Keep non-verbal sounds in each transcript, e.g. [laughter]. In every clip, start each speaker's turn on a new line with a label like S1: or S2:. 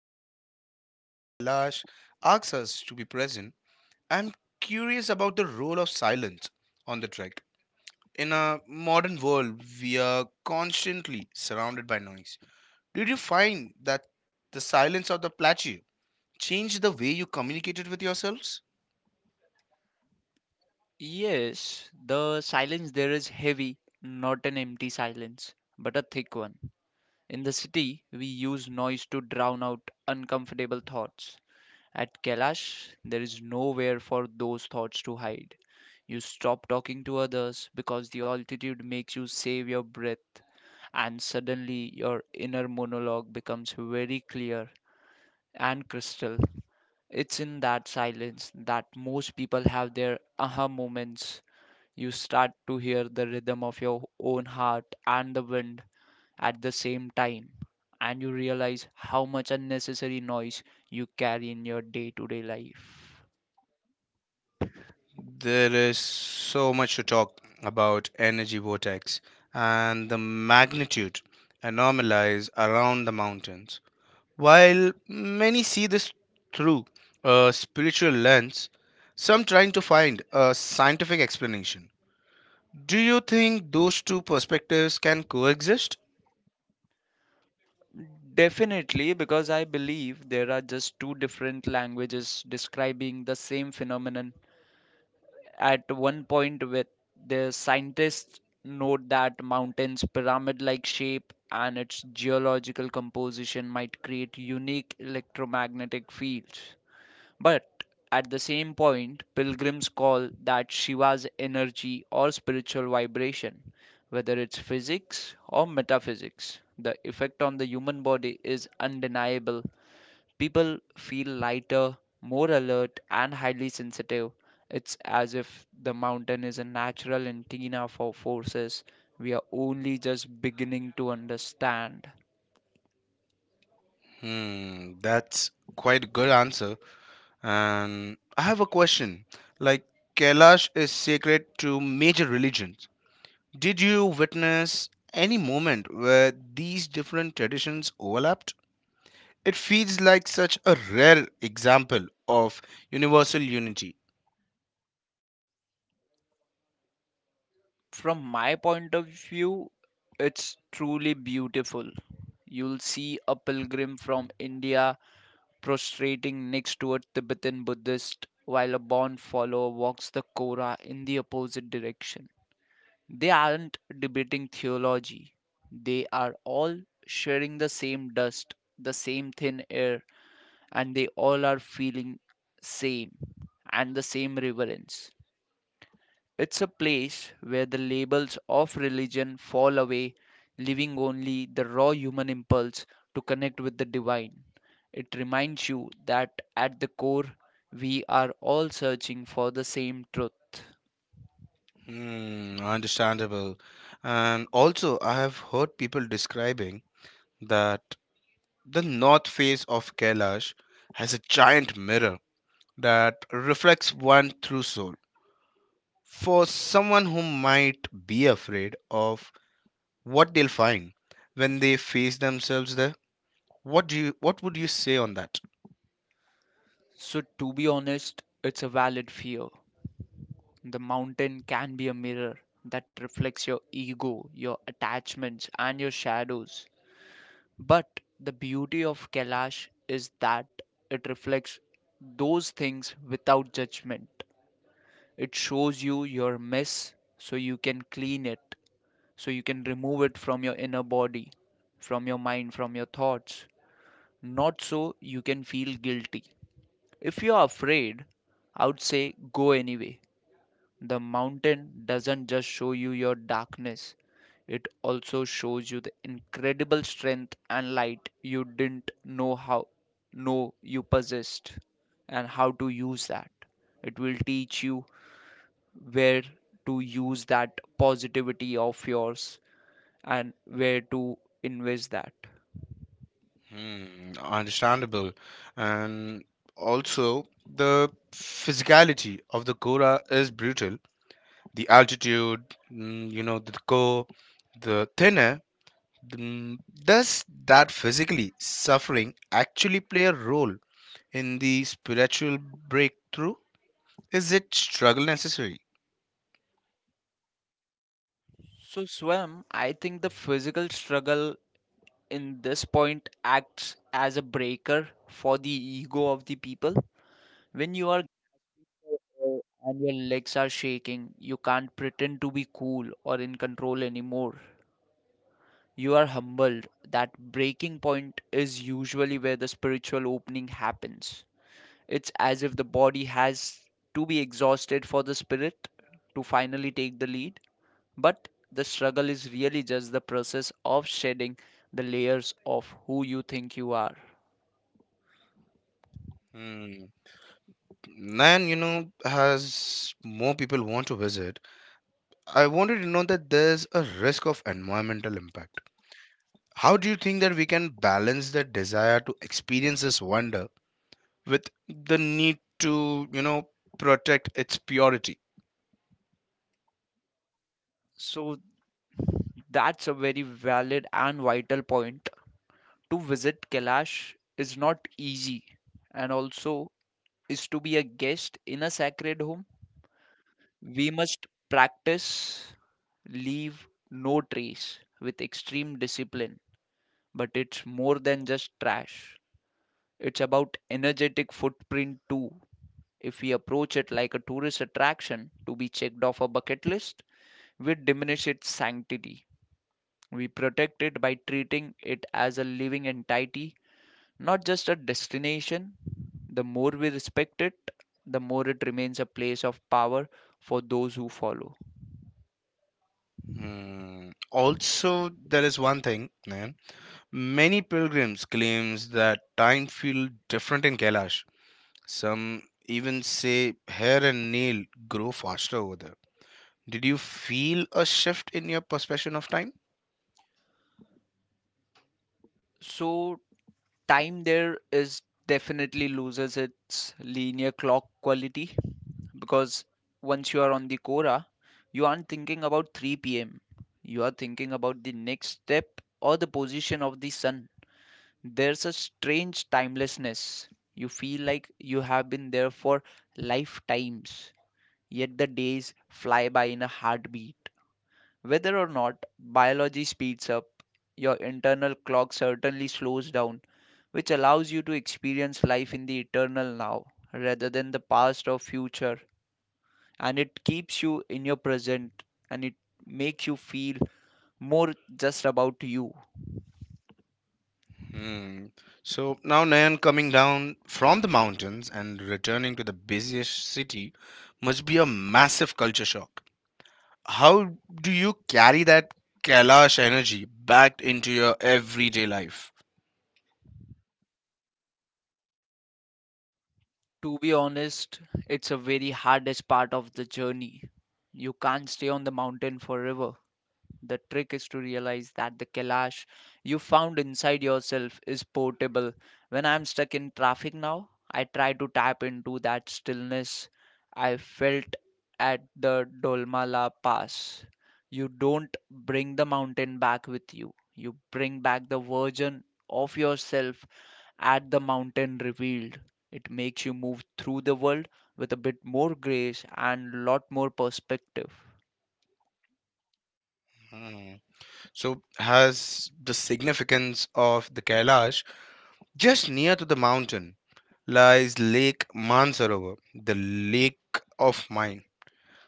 S1: mentioned that Kailash asks us to be present, I'm curious about the role of silence on the trek. In a modern world, we are constantly surrounded by noise. Did you find that the silence of the plateau changed the way you communicated with yourselves?
S2: Yes, the silence there is heavy, not an empty silence, but a thick one. In the city, we use noise to drown out uncomfortable thoughts. At Kailash, there is nowhere for those thoughts to hide. You stop talking to others because the altitude makes you save your breath, and suddenly your inner monologue becomes very clear and crystal. It's in that silence that most people have their aha moments. You start to hear the rhythm of your own heart and the wind at the same time, and you realize how much unnecessary noise you carry in your day to day life.
S1: There is so much to talk about energy vortex and the magnitude anomalies around the mountains. While many see this through a spiritual lens, some trying to find a scientific explanation. Do you think those two perspectives can coexist?
S2: Definitely, because I believe there are just two different languages describing the same phenomenon. At one point, with the scientists note that mountains' pyramid-like shape and its geological composition might create unique electromagnetic fields. But at the same point, pilgrims call that Shiva's energy or spiritual vibration, whether it's physics or metaphysics. The effect on the human body is undeniable. People feel lighter, more alert, and highly sensitive. It's as if the mountain is a natural antenna for forces we are only just beginning to understand.
S1: Hmm, that's quite a good answer. And I have a question. Like Kailash is sacred to major religions. Did you witness any moment where these different traditions overlapped? It feels like such a rare example of universal unity.
S2: From my point of view, it's truly beautiful. You'll see a pilgrim from India prostrating next to a Tibetan Buddhist while a born follower walks the Korah in the opposite direction. They aren't debating theology, they are all sharing the same dust, the same thin air, and they all are feeling same and the same reverence. It's a place where the labels of religion fall away, leaving only the raw human impulse to connect with the divine. It reminds you that at the core, we are all searching for the same truth.
S1: Hmm, understandable. And also, I have heard people describing that the north face of Kailash has a giant mirror that reflects one true soul. For someone who might be afraid of what they'll find when they face themselves there, what would you say on that?
S2: So, to be honest, it's a valid fear. The mountain can be a mirror that reflects your ego, your attachments, and your shadows. But the beauty of Kailash is that it reflects those things without judgment. It shows you your mess so you can clean it, so you can remove it from your inner body, from your mind, from your thoughts, not so you can feel guilty. If you are afraid, I would say go anyway. The mountain doesn't just show you your darkness, it also shows you the incredible strength and light you didn't know how know you possessed and how to use that. It will teach you where to use that positivity of yours and where to invest that.
S1: Hmm, understandable. And also, the physicality of the Gora is brutal the altitude, the core, the thinner. mm, Does that physically suffering actually play a role in the spiritual breakthrough? Is it struggle necessary?
S2: So, Swam, I think the physical struggle in this point acts as a breaker for the ego of the people. When you are uh, and your legs are shaking. You can't pretend to be cool or in control anymore. You are humbled. That breaking point is usually where the spiritual opening happens. It's as if the body has to be exhausted for the spirit to finally take the lead. But the struggle is really just the process of shedding the layers of who you think you are.
S1: Hmm. Nayan, you know, has more people want to visit. I wanted to know that there's a risk of environmental impact. How do you think that we can balance the desire to experience this wonder with the need to, you know, protect its purity?
S2: So that's a very valid and vital point. To visit Kailash is not easy, and also is to be a guest in a sacred home. We must practice leave no trace with extreme discipline. But it's more than just trash, it's about energetic footprint too. If we approach it like a tourist attraction to be checked off a bucket list, we diminish its sanctity. We protect it by treating it as a living entity, not just a destination. The more we respect it, the more it remains a place of power for those who follow.
S1: Hmm. Also, there is one thing, man. Many pilgrims claims that time feel different in Kailash. Some even say hair and nail grow faster over there. Did you feel a shift in your perception of time?
S2: So, time there is definitely loses its linear clock quality, because once you are on the Quora, you aren't thinking about 3 pm. You are thinking about the next step or the position of the sun. There's a strange timelessness. You feel like you have been there for lifetimes, yet the days fly by in a heartbeat. Whether or not biology speeds up, your internal clock certainly slows down, which allows you to experience life in the eternal now rather than the past or future. And it keeps you in your present and it makes you feel more just about you.
S1: Hmm. So now Nayan coming down from the mountains and returning to the busiest city must be a massive culture shock. How do you carry that Kailash energy back into your everyday life?
S2: To be honest, it's a very hardest part of the journey. You can't stay on the mountain forever. The trick is to realize that the Kailash you found inside yourself is portable. When I'm stuck in traffic now, I try to tap into that stillness I felt at the Dolmala Pass. You don't bring the mountain back with you, you bring back the version of yourself at the mountain revealed. It makes you move through the world with a bit more grace and lot more perspective.
S1: Mm. So, has the significance of the Kailash just near to the mountain lies Lake Mansarovar, the lake of mind.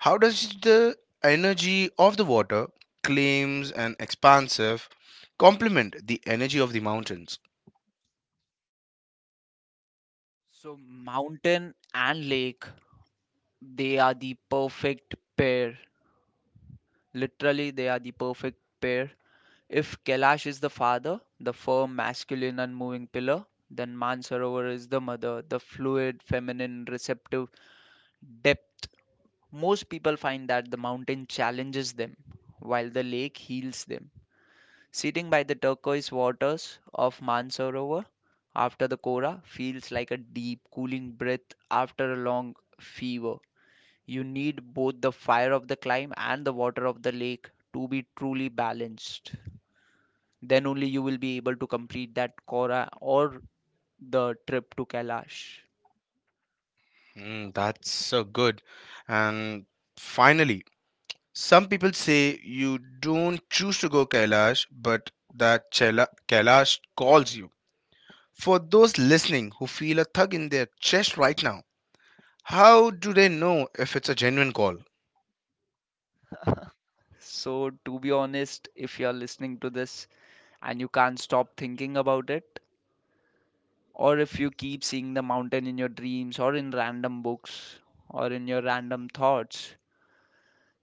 S1: How does the energy of the water claims an expansive complement the energy of the mountains?
S2: So mountain and lake, they are the perfect pair. Literally, they are the perfect pair. If Kailash is the father, the firm, masculine, unmoving pillar, then Mansarovar is the mother, the fluid, feminine, receptive depth. Most people find that the mountain challenges them, while the lake heals them. Sitting by the turquoise waters of Mansarovar after the Kora feels like a deep, cooling breath after a long fever. You need both the fire of the climb and the water of the lake to be truly balanced. Then only you will be able to complete that Kora or the trip to Kailash.
S1: Mm, that's so good. And finally, some people say you don't choose to go Kailash, but that Kailash calls you. For those listening who feel a tug in their chest right now, how do they know if it's a genuine call?
S2: So, to be honest, if you're listening to this and you can't stop thinking about it, or if you keep seeing the mountain in your dreams or in random books or in your random thoughts,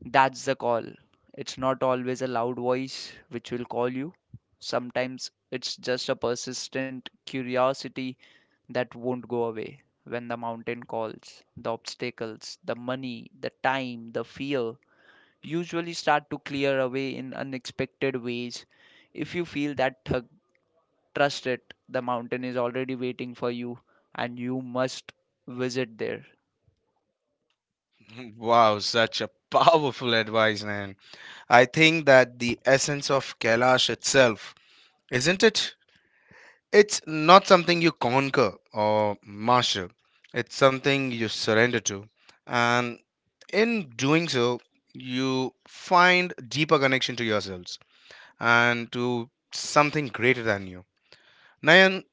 S2: that's the call. It's not always a loud voice which will call you. Sometimes it's just a persistent curiosity that won't go away. When the mountain calls, the obstacles, the money, the time, the fear usually start to clear away in unexpected ways. If you feel that tug, trust it, the mountain is already waiting for you, and you must visit there.
S1: [laughs] Wow, such a powerful advice, man. I think that the essence of Kailash itself, isn't it? It's not something you conquer or master, it's something you surrender to. And in doing so you find deeper connection to yourselves and to something greater than you, Nayan.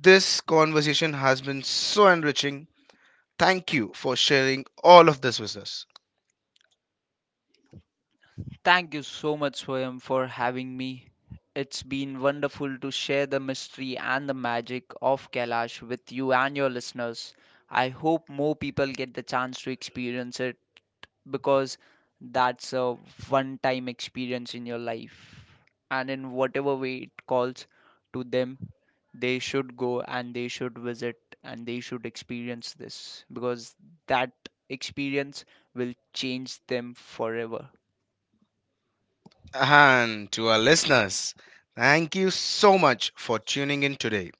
S1: This conversation has been so enriching. Thank you for sharing all of this with us.
S2: Thank you so much, Swayam, for having me. It's been wonderful to share the mystery and the magic of Kailash with you and your listeners. I hope more people get the chance to experience it because that's a one time experience in your life. And in whatever way it calls to them, they should go and they should visit and they should experience this because that experience will change them forever.
S1: And to our listeners, thank you so much for tuning in today.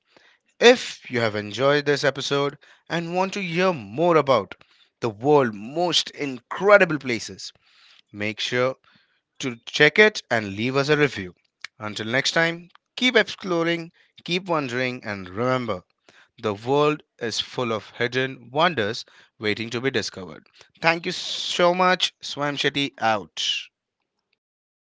S1: If you have enjoyed this episode and want to hear more about the world's most incredible places, make sure to check it and leave us a review. Until next time, keep exploring, keep wondering, and remember the world is full of hidden wonders waiting to be discovered. Thank you so much. Swam Shetty out.